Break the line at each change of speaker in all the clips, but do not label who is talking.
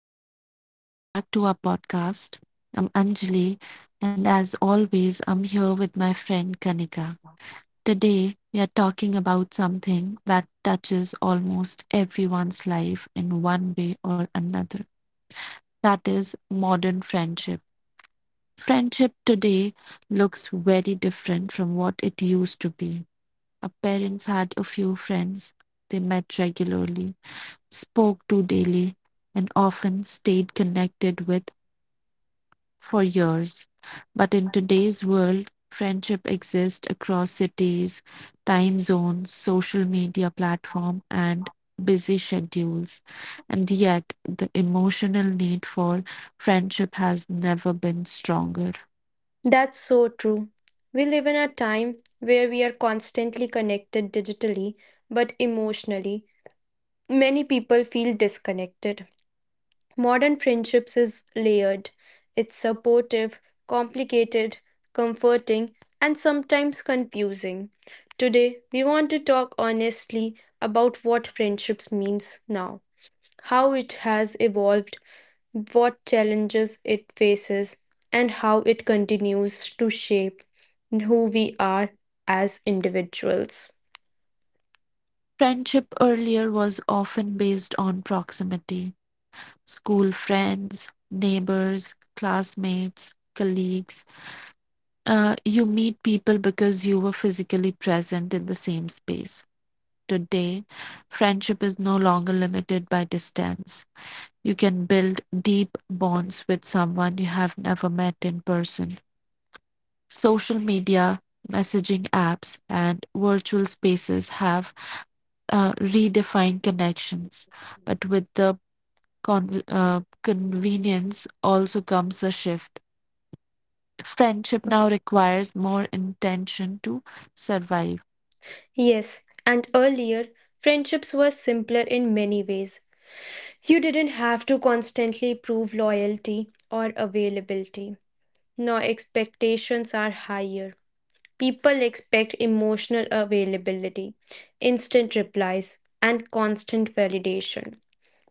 everyone. Welcome back to our podcast. I'm Anjali, and as always, I'm here with my friend Kanika. Today, we are talking about something that touches almost everyone's life in one way or another. That is modern friendship. Friendship today looks very different from what it used to be. Our parents had a few friends, they met regularly, spoke to daily, and often stayed connected with for years. But in today's world, friendship exists across cities, time zones, social media platform, and busy schedules. And yet, the emotional need for friendship has never been stronger.
That's so true. We live in a time where we are constantly connected digitally, but emotionally, many people feel disconnected. Modern friendships is layered. It's supportive, complicated, comforting, and sometimes confusing. Today, we want to talk honestly about what friendships means now, how it has evolved, what challenges it faces, and how it continues to shape who we are as individuals.
Friendship earlier was often based on proximity school friends, neighbors, classmates, colleagues. You meet people because you were physically present in the same space. Today, friendship is no longer limited by distance. You can build deep bonds with someone you have never met in person. Social media, messaging apps, and virtual spaces have redefine connections, but with the convenience also comes a shift. Friendship now requires more intention to survive.
Yes, and earlier, friendships were simpler in many ways. You didn't have to constantly prove loyalty or availability. Now, expectations are higher. People expect emotional availability, instant replies, and constant validation.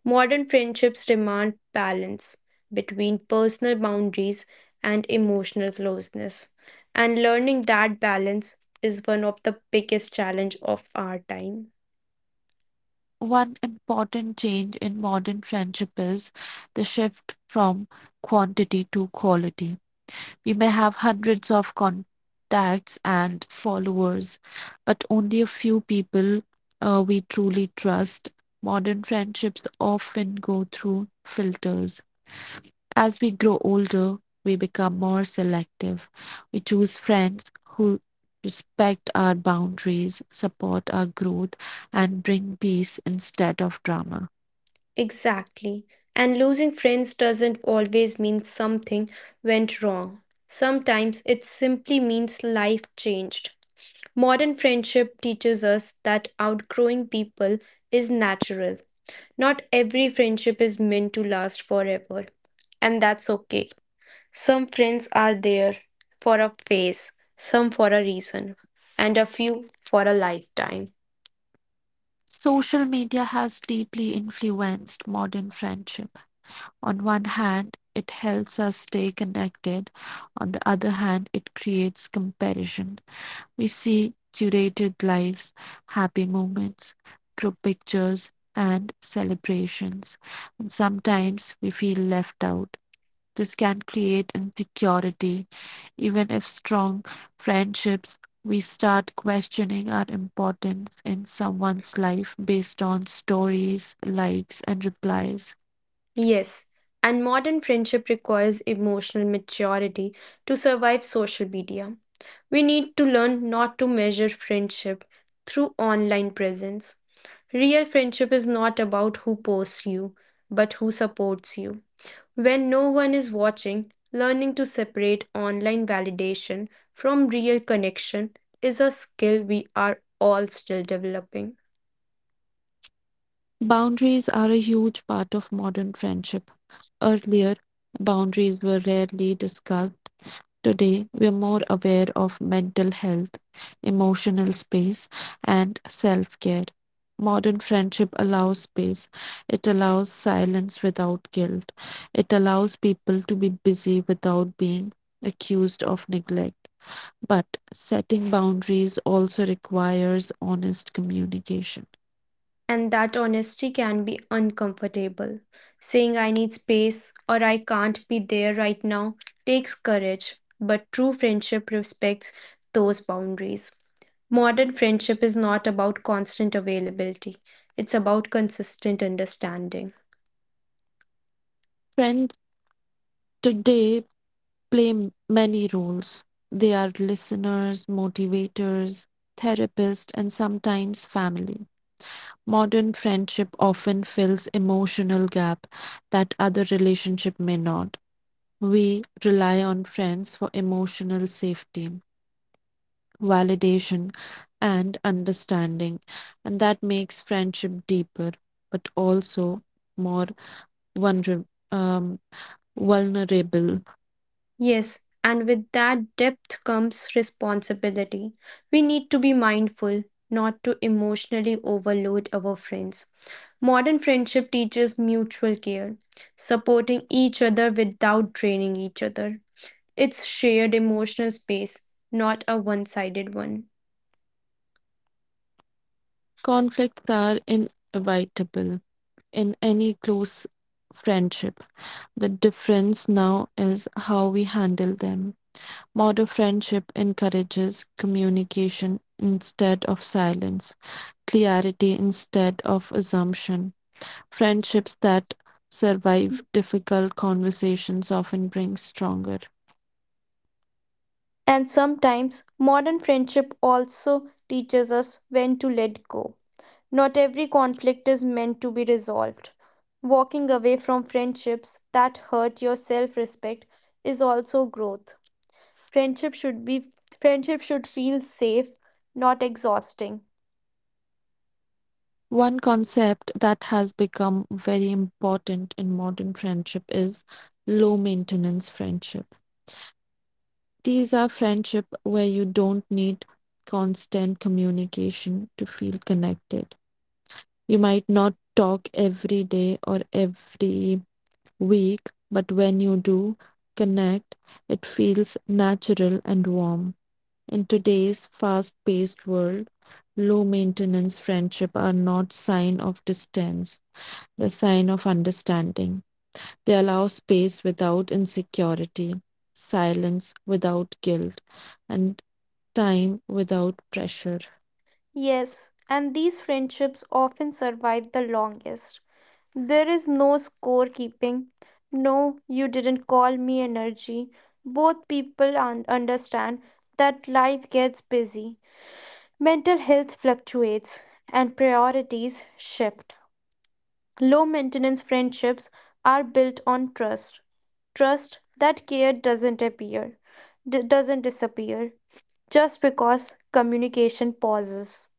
Modern friendships demand balance between personal boundaries and emotional closeness, and learning that balance is one of the biggest challenge of our time.
One important change in modern friendship is the shift from quantity to quality. We may have hundreds of contacts and followers, but only a few people we truly trust. Modern friendships often go through filters as we grow older, we become more selective. We choose friends who respect our boundaries, support our growth, and bring peace instead of drama.
Exactly. And losing friends doesn't always mean something went wrong. Sometimes it simply means life changed. Modern friendship teaches us that outgrowing people is natural. Not every friendship is meant to last forever, and that's okay. Some friends are there for a phase, some for a reason, and a few for a lifetime.
Social media has deeply influenced modern friendship. On one hand, it helps us stay connected. On the other hand, it creates comparison. We see curated lives, happy moments, group pictures, and celebrations. And sometimes we feel left out. This can create insecurity. Even if strong friendships, we start questioning our importance in someone's life based on stories, likes, and replies.
Yes, and modern friendship requires emotional maturity to survive social media. We need to learn not to measure friendship through online presence. Real friendship is not about who posts you, but who supports you. When no one is watching, learning to separate online validation from real connection is a skill we are all still developing.
Boundaries are a huge part of modern friendship. Earlier, boundaries were rarely discussed. Today, we are more aware of mental health, emotional space, and self care. Modern friendship allows space, it allows silence without guilt, it allows people to be busy without being accused of neglect. But setting boundaries also requires honest communication.
And that honesty can be uncomfortable. Saying I need space or I can't be there right now takes courage, but true friendship respects those boundaries. Modern friendship is not about constant availability, it's about consistent understanding.
Friends today play many roles. They are listeners, motivators, therapists, and sometimes family. Modern friendship often fills emotional gap that other relationship may not. We rely on friends for emotional safety, validation, and understanding, and that makes friendship deeper but also more vulner- um, vulnerable.
Yes, and with that depth comes responsibility. We need to be mindful not to emotionally overload our friends. Modern friendship teaches mutual care, supporting each other without draining each other. It's shared emotional space, not a one sided one.
Conflicts are inevitable in any close friendship. The difference now is how we handle them. Modern friendship encourages communication instead of silence, clarity instead of assumption. Friendships that survive difficult conversations often bring stronger.
And sometimes modern friendship also teaches us when to let go. Not every conflict is meant to be resolved. Walking away from friendships that hurt your self-respect is also growth. Friendship should be Friendship should feel safe, not exhausting.
One concept that has become very important in modern friendship is low maintenance friendship. These are friendship where you don't need constant communication to feel connected. You might not talk every day or every week, but when you do connect, it feels natural and warm. In today's fast-paced world, low-maintenance friendships are not sign of distance, they're sign of understanding. They allow space without insecurity, silence without guilt, and time without pressure.
Yes, and these friendships often survive the longest. There is no scorekeeping, no, you didn't call me energy. Both people understand that life gets busy, mental health fluctuates, and priorities shift. Low maintenance friendships are built on trust. Trust that care doesn't appear, doesn't disappear just because communication pauses.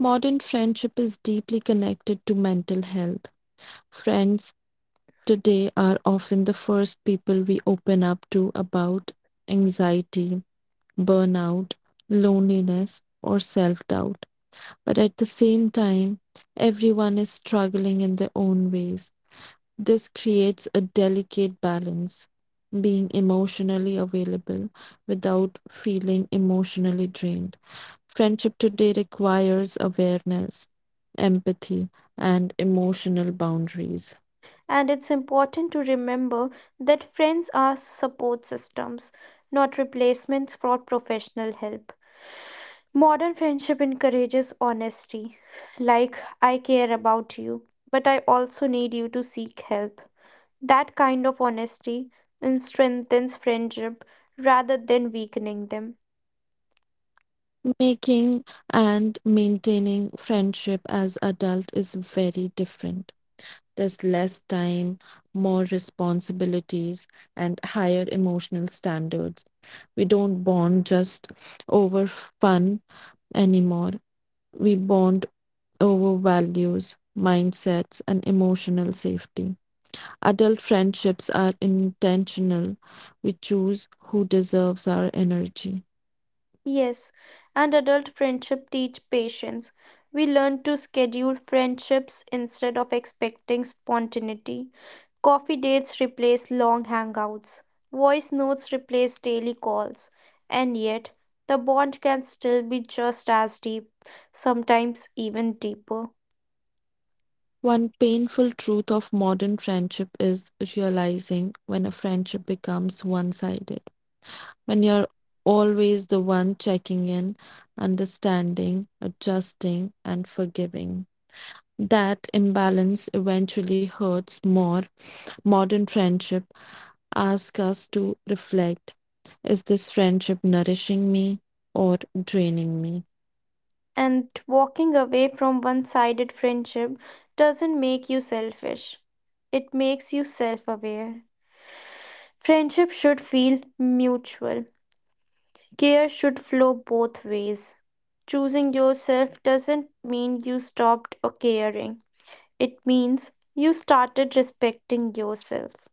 Modern friendship is deeply connected to mental health. Friends today are often the first people we open up to about anxiety, burnout, loneliness, or self doubt. But at the same time, everyone is struggling in their own ways. This creates a delicate balance, being emotionally available without feeling emotionally drained. Friendship today requires awareness, empathy, and emotional boundaries.
And it's important to remember that friends are support systems, not replacements for professional help. Modern friendship encourages honesty, like, I care about you, but I also need you to seek help. That kind of honesty and strengthens friendship rather than weakening them.
Making and maintaining friendship as adult is very different. There's less time, more responsibilities, and higher emotional standards. We don't bond just over fun anymore. We bond over values, mindsets, and emotional safety. Adult friendships are intentional. We choose who deserves our energy.
Yes, and adult friendship teach patience. We learn to schedule friendships instead of expecting spontaneity. Coffee dates replace long hangouts. Voice notes replace daily calls. And yet, the bond can still be just as deep, sometimes even deeper.
One painful truth of modern friendship is realizing when a friendship becomes one sided, when you're always the one checking in, understanding, adjusting, and forgiving. That imbalance eventually hurts more. Modern friendship asks us to reflect, is this friendship nourishing me or draining me?
And walking away from one sided friendship doesn't make you selfish, it makes you self aware. Friendship should feel mutual. Care should flow both ways. Choosing yourself doesn't mean you stopped or caring, it means you started respecting yourself.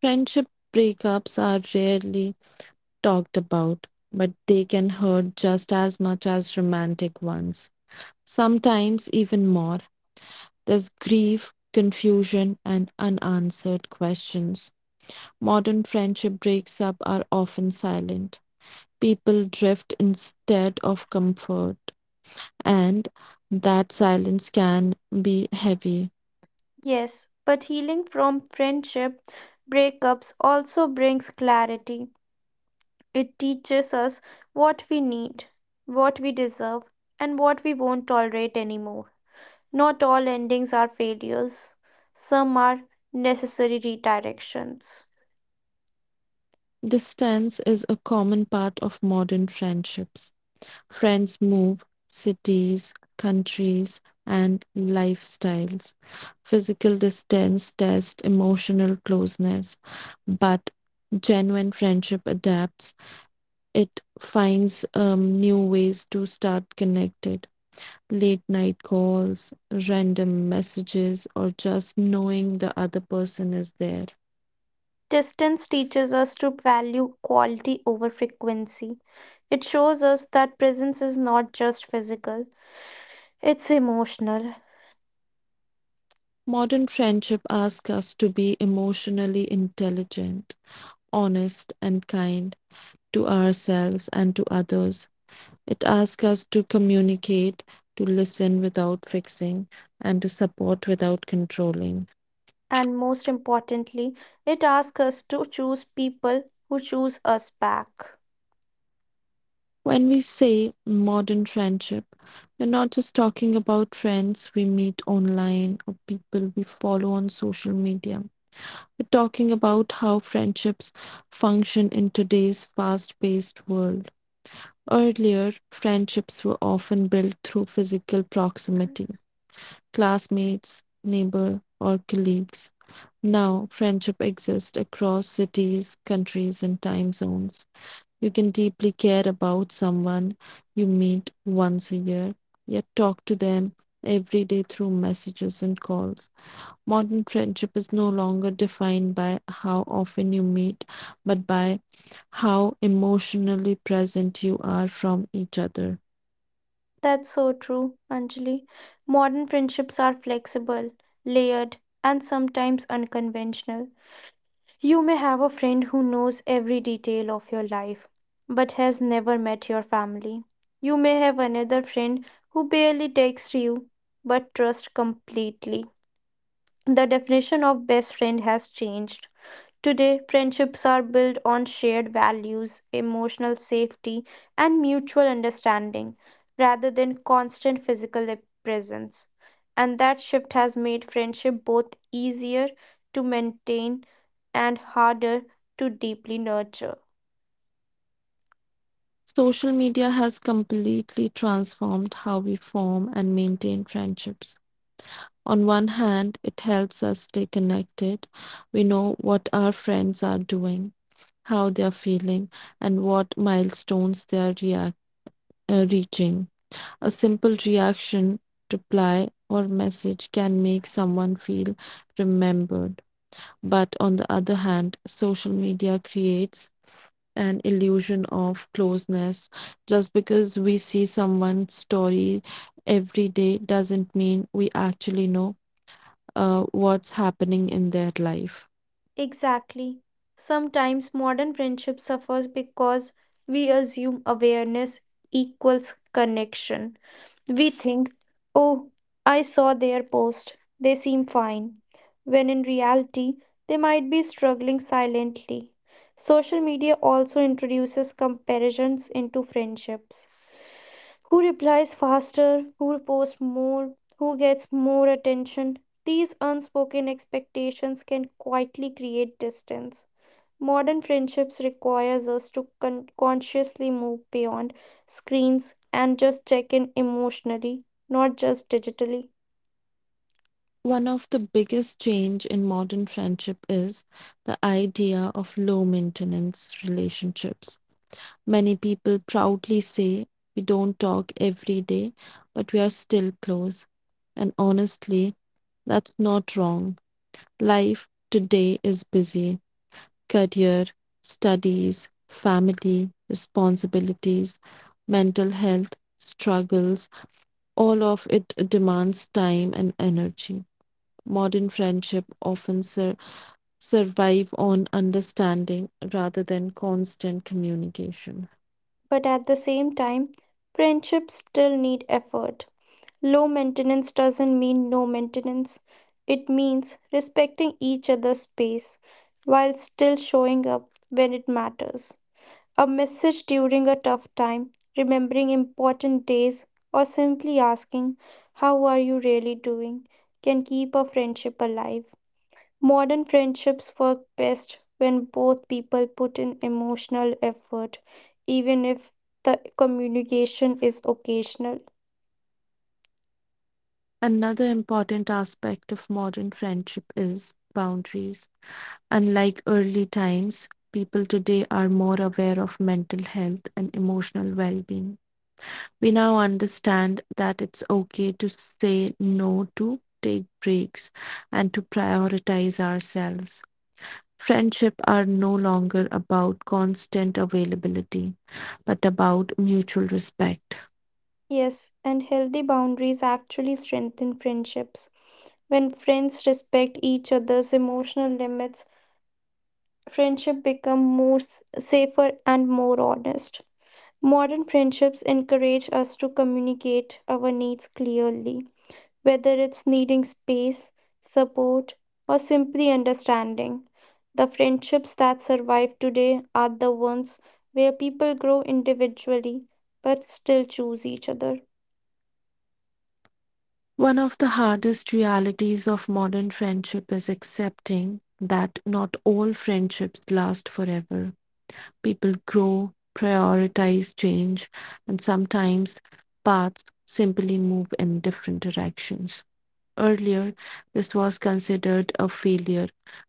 Friendship breakups are rarely talked about, but they can hurt just as much as romantic ones, sometimes even more. There's grief, confusion, and unanswered questions. Modern friendship breaks up are often silent. People drift instead of comfort, and that silence can be heavy.
Yes, but healing from friendship breakups also brings clarity. It teaches us what we need, what we deserve, and what we won't tolerate anymore. Not all endings are failures, some are necessary redirections.
Distance is a common part of modern friendships. Friends move, cities, countries, and lifestyles. Physical distance tests emotional closeness, but genuine friendship adapts. It finds new ways to start connected. Late night calls, random messages, or just knowing the other person is there.
Distance teaches us to value quality over frequency. It shows us that presence is not just physical, it's emotional.
Modern friendship asks us to be emotionally intelligent, honest, and kind to ourselves and to others. It asks us to communicate, to listen without fixing, and to support without controlling.
And most importantly, it asks us to choose people who choose us back.
When we say modern friendship, we're not just talking about friends we meet online or people we follow on social media. We're talking about how friendships function in today's fast paced world. Earlier, friendships were often built through physical proximity. Classmates, neighbor, or colleagues. Now, friendship exists across cities, countries, and time zones. You can deeply care about someone you meet once a year, yet talk to them every day through messages and calls. Modern friendship is no longer defined by how often you meet, but by how emotionally present you are from each other.
That's so true, Anjali. Modern friendships are flexible, layered, and sometimes unconventional. You may have a friend who knows every detail of your life but has never met your family. You may have another friend who barely texts you but trusts completely. The definition of best friend has changed. Today, friendships are built on shared values, emotional safety, and mutual understanding rather than constant physical presence. And that shift has made friendship both easier to maintain and harder to deeply nurture.
Social media has completely transformed how we form and maintain friendships. On one hand, it helps us stay connected. We know what our friends are doing, how they are feeling, and what milestones they are reaching. A simple reaction, reply, or message can make someone feel remembered. But on the other hand, social media creates an illusion of closeness. Just because we see someone's story every day doesn't mean we actually know what's happening in their life.
Exactly. Sometimes modern friendship suffers because we assume awareness equals connection. We think, oh, I saw their post, they seem fine, when in reality, they might be struggling silently. Social media also introduces comparisons into friendships. Who replies faster? Who posts more? Who gets more attention? These unspoken expectations can quietly create distance. Modern friendships requires us to consciously move beyond screens and just check in emotionally, not just digitally.
One of the biggest change in modern friendship is the idea of low maintenance relationships. Many people proudly say we don't talk every day, but we are still close. And honestly, that's not wrong. Life today is busy, career, studies, family, responsibilities, mental health struggles, all of it demands time and energy. Modern friendship often survive on understanding rather than constant communication.
But at the same time, friendships still need effort. Low maintenance doesn't mean no maintenance. It means respecting each other's space while still showing up when it matters. A message during a tough time, remembering important days, or simply asking, how are you really doing? Can keep a friendship alive. Modern friendships work best when both people put in emotional effort, even if the communication is occasional.
Another important aspect of modern friendship is boundaries. Unlike early times, people today are more aware of mental health and emotional well being. We now understand that it's okay to say no, to take breaks, and to prioritize ourselves. Friendship are no longer about constant availability, but about mutual respect.
Yes, and healthy boundaries actually strengthen friendships. When friends respect each other's emotional limits, friendship become more safer and more honest. Modern friendships encourage us to communicate our needs clearly, whether it's needing space, support, or simply understanding. The friendships that survive today are the ones where people grow individually but still choose each other.
One of the hardest realities of modern friendship is accepting that not all friendships last forever. People grow, prioritize change, and sometimes paths simply move in different directions. Earlier, this was considered a failure,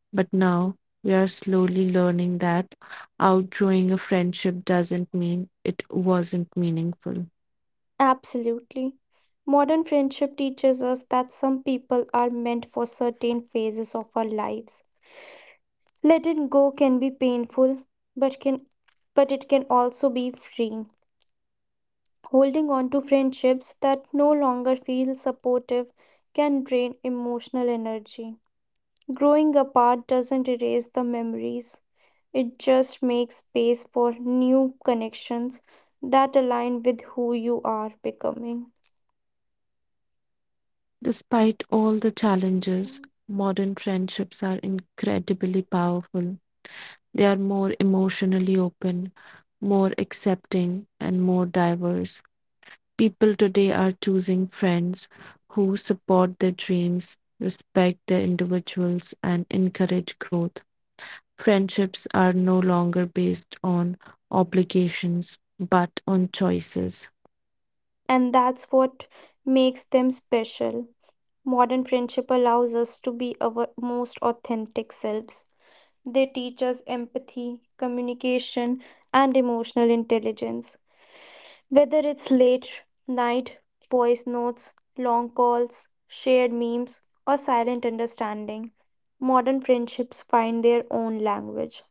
but now we are slowly learning that outgrowing a friendship doesn't mean it wasn't meaningful.
Absolutely. Modern friendship teaches us that some people are meant for certain phases of our lives. Letting go can be painful, but can but it can also be freeing. Holding on to friendships that no longer feel supportive can drain emotional energy. Growing apart doesn't erase the memories. It just makes space for new connections that align with who you are becoming.
Despite all the challenges, modern friendships are incredibly powerful. They are more emotionally open, more accepting, and more diverse. People today are choosing friends who support their dreams, respect their individuals, and encourage growth. Friendships are no longer based on obligations but on choices.
And that's what makes them special. Modern friendship allows us to be our most authentic selves. They teach us empathy, communication, and emotional intelligence. Whether it's late night, voice notes, long calls, shared memes, or silent understanding, modern friendships find their own language.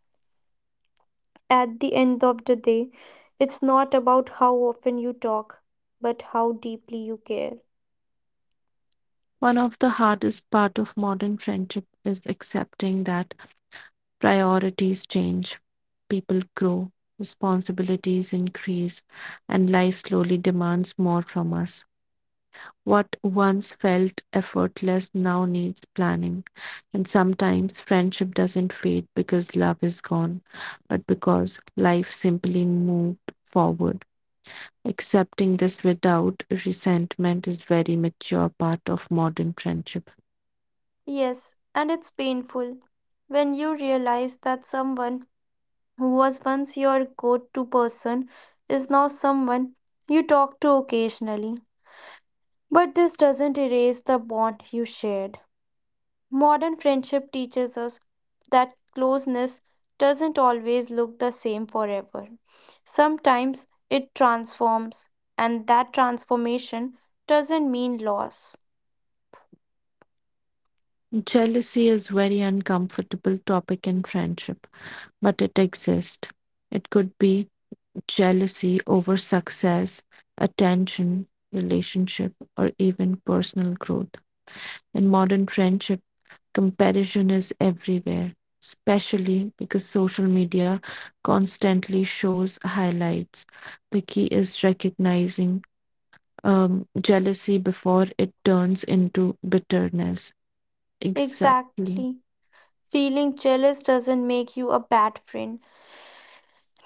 At the end of the day, it's not about how often you talk, but how deeply you care.
One of the hardest part of modern friendship is accepting that priorities change, people grow, responsibilities increase, and life slowly demands more from us. What once felt effortless now needs planning, and sometimes friendship doesn't fade because love is gone, but because life simply moved forward. Accepting this without resentment is very mature part of modern friendship.
Yes, and it's painful when you realize that someone who was once your go to person is now someone you talk to occasionally. But this doesn't erase the bond you shared. Modern friendship teaches us that closeness doesn't always look the same forever. Sometimes it transforms, and that transformation doesn't mean loss.
Jealousy is very uncomfortable topic in friendship, but it exists. It could be jealousy over success, attention, relationship, or even personal growth. In modern friendship, comparison is everywhere, especially because social media constantly shows highlights. The key is recognizing jealousy before it turns into bitterness. Exactly.
Exactly. Feeling jealous doesn't make you a bad friend,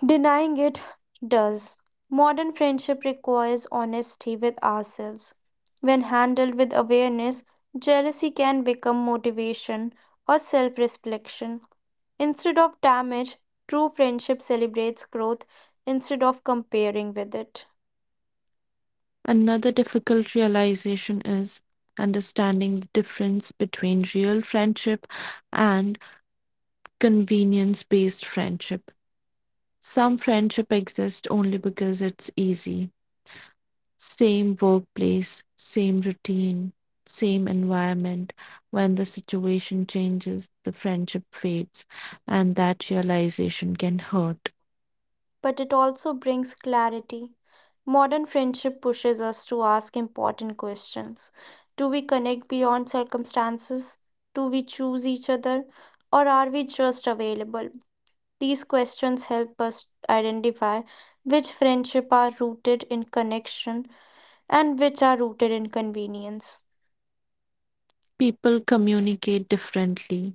denying it does. Modern friendship requires honesty with ourselves. When handled with awareness, jealousy can become motivation or self reflection. Instead of damage, true friendship celebrates growth instead of comparing with it.
Another difficult realization is understanding the difference between real friendship and convenience based friendship. Some friendship exists only because it's easy. Same workplace, same routine, same environment. When the situation changes, the friendship fades, and that realization can hurt.
But it also brings clarity. Modern friendship pushes us to ask important questions. Do we connect beyond circumstances? Do we choose each other? Or are we just available? These questions help us identify which friendship are rooted in connection and which are rooted in convenience.
People communicate differently.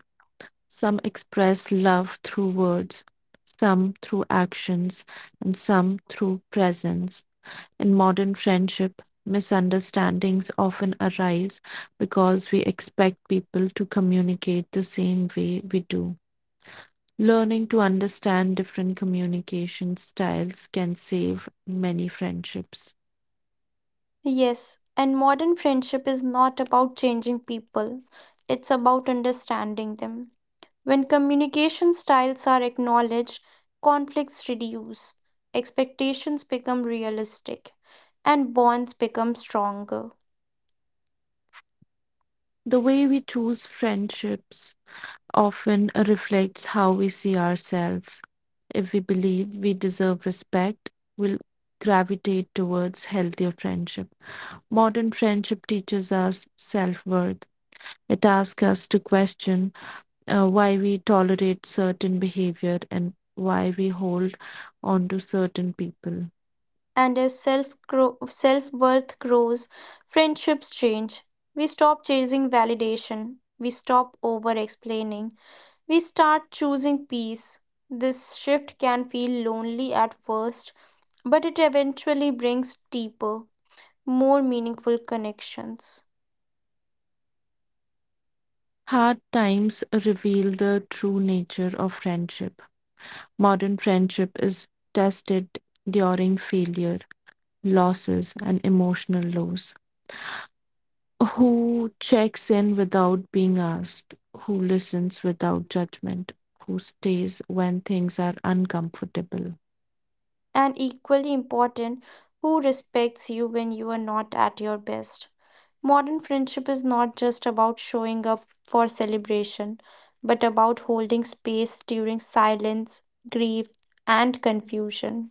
Some express love through words, some through actions, and some through presence. In modern friendship, misunderstandings often arise because we expect people to communicate the same way we do. Learning to understand different communication styles can save many friendships.
Yes, and modern friendship is not about changing people. It's about understanding them. When communication styles are acknowledged, conflicts reduce, expectations become realistic, and bonds become stronger.
The way we choose friendships often reflects how we see ourselves. If we believe we deserve respect, we'll gravitate towards healthier friendship. Modern friendship teaches us self worth. It asks us to question why we tolerate certain behavior and why we hold on to certain people.
And as self worth grows, friendships change. We stop chasing validation. We stop over explaining. We start choosing peace. This shift can feel lonely at first, but it eventually brings deeper, more meaningful connections.
Hard times reveal the true nature of friendship. Modern friendship is tested during failure, losses, and emotional lows. Who checks in without being asked, who listens without judgment, who stays when things are uncomfortable.
And equally important, who respects you when you are not at your best. Modern friendship is not just about showing up for celebration, but about holding space during silence, grief, and confusion.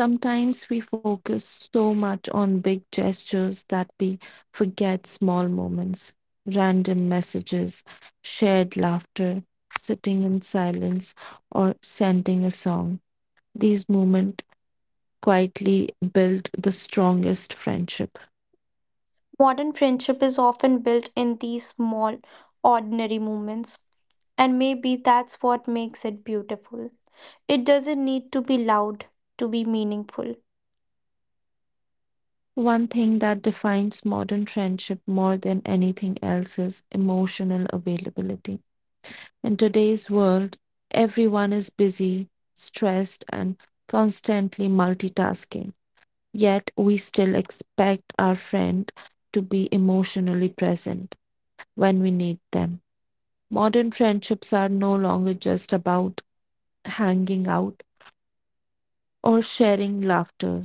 Sometimes we focus so much on big gestures that we forget small moments, random messages, shared laughter, sitting in silence, or sending a song. These moments quietly build the strongest friendship.
Modern friendship is often built in these small, ordinary moments, and maybe that's what makes it beautiful. It doesn't need to be loud to be meaningful,
One thing that defines modern friendship more than anything else is emotional availability. In today's world, everyone is busy, stressed, and constantly multitasking. Yet, we still expect our friend to be emotionally present when we need them. Modern friendships are no longer just about hanging out or sharing laughter.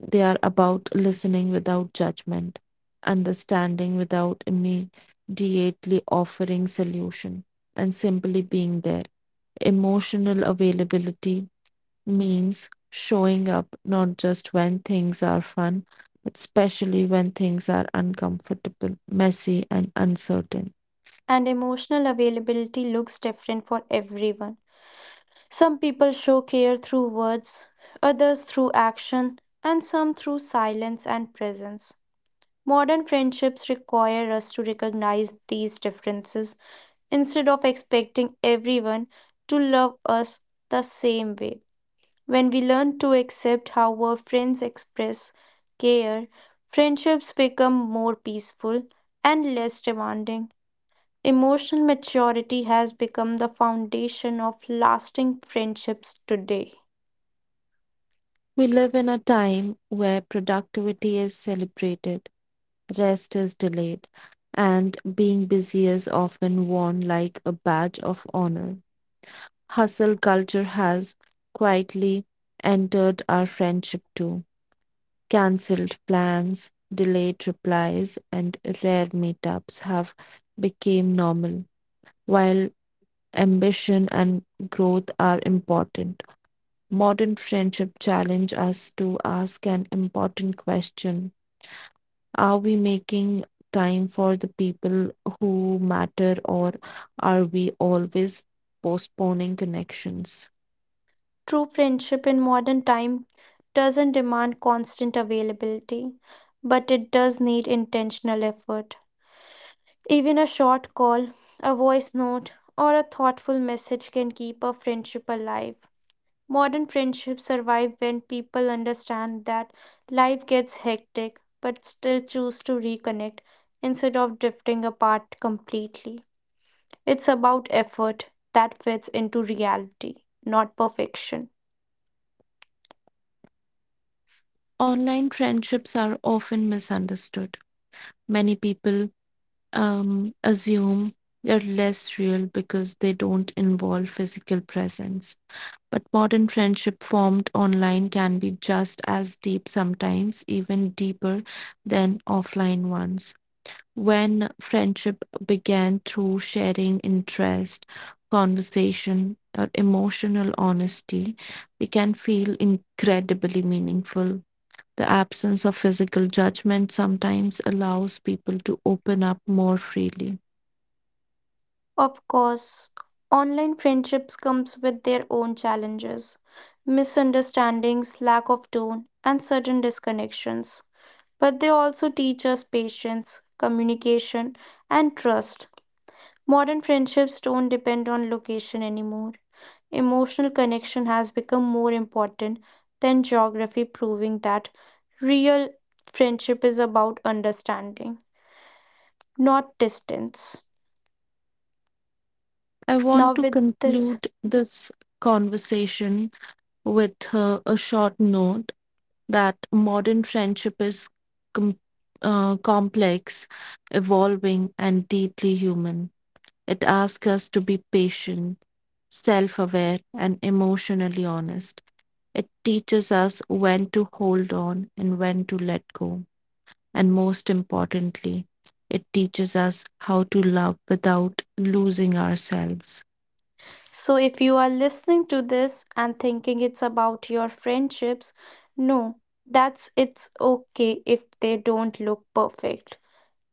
They are about listening without judgment, understanding without immediately offering solution, and simply being there. Emotional availability means showing up not just when things are fun, but especially when things are uncomfortable, messy, and uncertain.
and emotional availability looks different for everyone. Some people show care through words, others through action, and some through silence and presence. Modern friendships require us to recognize these differences instead of expecting everyone to love us the same way. When we learn to accept how our friends express care, friendships become more peaceful and less demanding. Emotional maturity has become the foundation of lasting friendships today.
We live in a time where productivity is celebrated, rest is delayed, and being busy is often worn like a badge of honor. Hustle culture has quietly entered our friendship too. Cancelled plans, delayed replies, and rare meetups have become normal, while ambition and growth are important. Modern friendship challenge us to ask an important question. Are we making time for the people who matter, or are we always postponing connections?
True friendship in modern time doesn't demand constant availability, but it does need intentional effort. Even a short call, a voice note, or a thoughtful message can keep a friendship alive. Modern friendships survive when people understand that life gets hectic but still choose to reconnect instead of drifting apart completely. It's about effort that fits into reality, not perfection.
Online friendships are often misunderstood. Many people assume they're less real because they don't involve physical presence. But modern friendship formed online can be just as deep sometimes, even deeper than offline ones. When friendship began through sharing interest, conversation, or emotional honesty, it can feel incredibly meaningful. The absence of physical judgment sometimes allows people to open up more freely.
Of course, online friendships comes with their own challenges, misunderstandings, lack of tone, and certain disconnections. But they also teach us patience, communication, and trust. Modern friendships don't depend on location anymore. Emotional connection has become more important than geography, proving that real friendship is about understanding, not distance.
I
Now,
want to
with this,
conclude this conversation with a short note that modern friendship is com- complex, evolving, and deeply human. It asks us to be patient, self aware, and emotionally honest. It teaches us when to hold on and when to let go. And most importantly, it teaches us how to love without losing ourselves.
so if you are listening to this and thinking it's about your friendships, no, that's it's okay if they don't look perfect.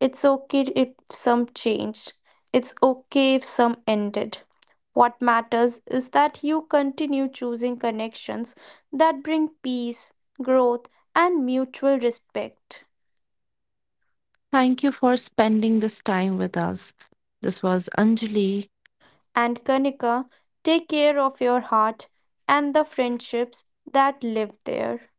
It's okay if some changed. It's okay if some ended. What matters is that you continue choosing connections that bring peace, growth, and mutual respect.
Thank you for spending this time with us. This was Anjali.
And Kanika, take care of your heart and the friendships that live there.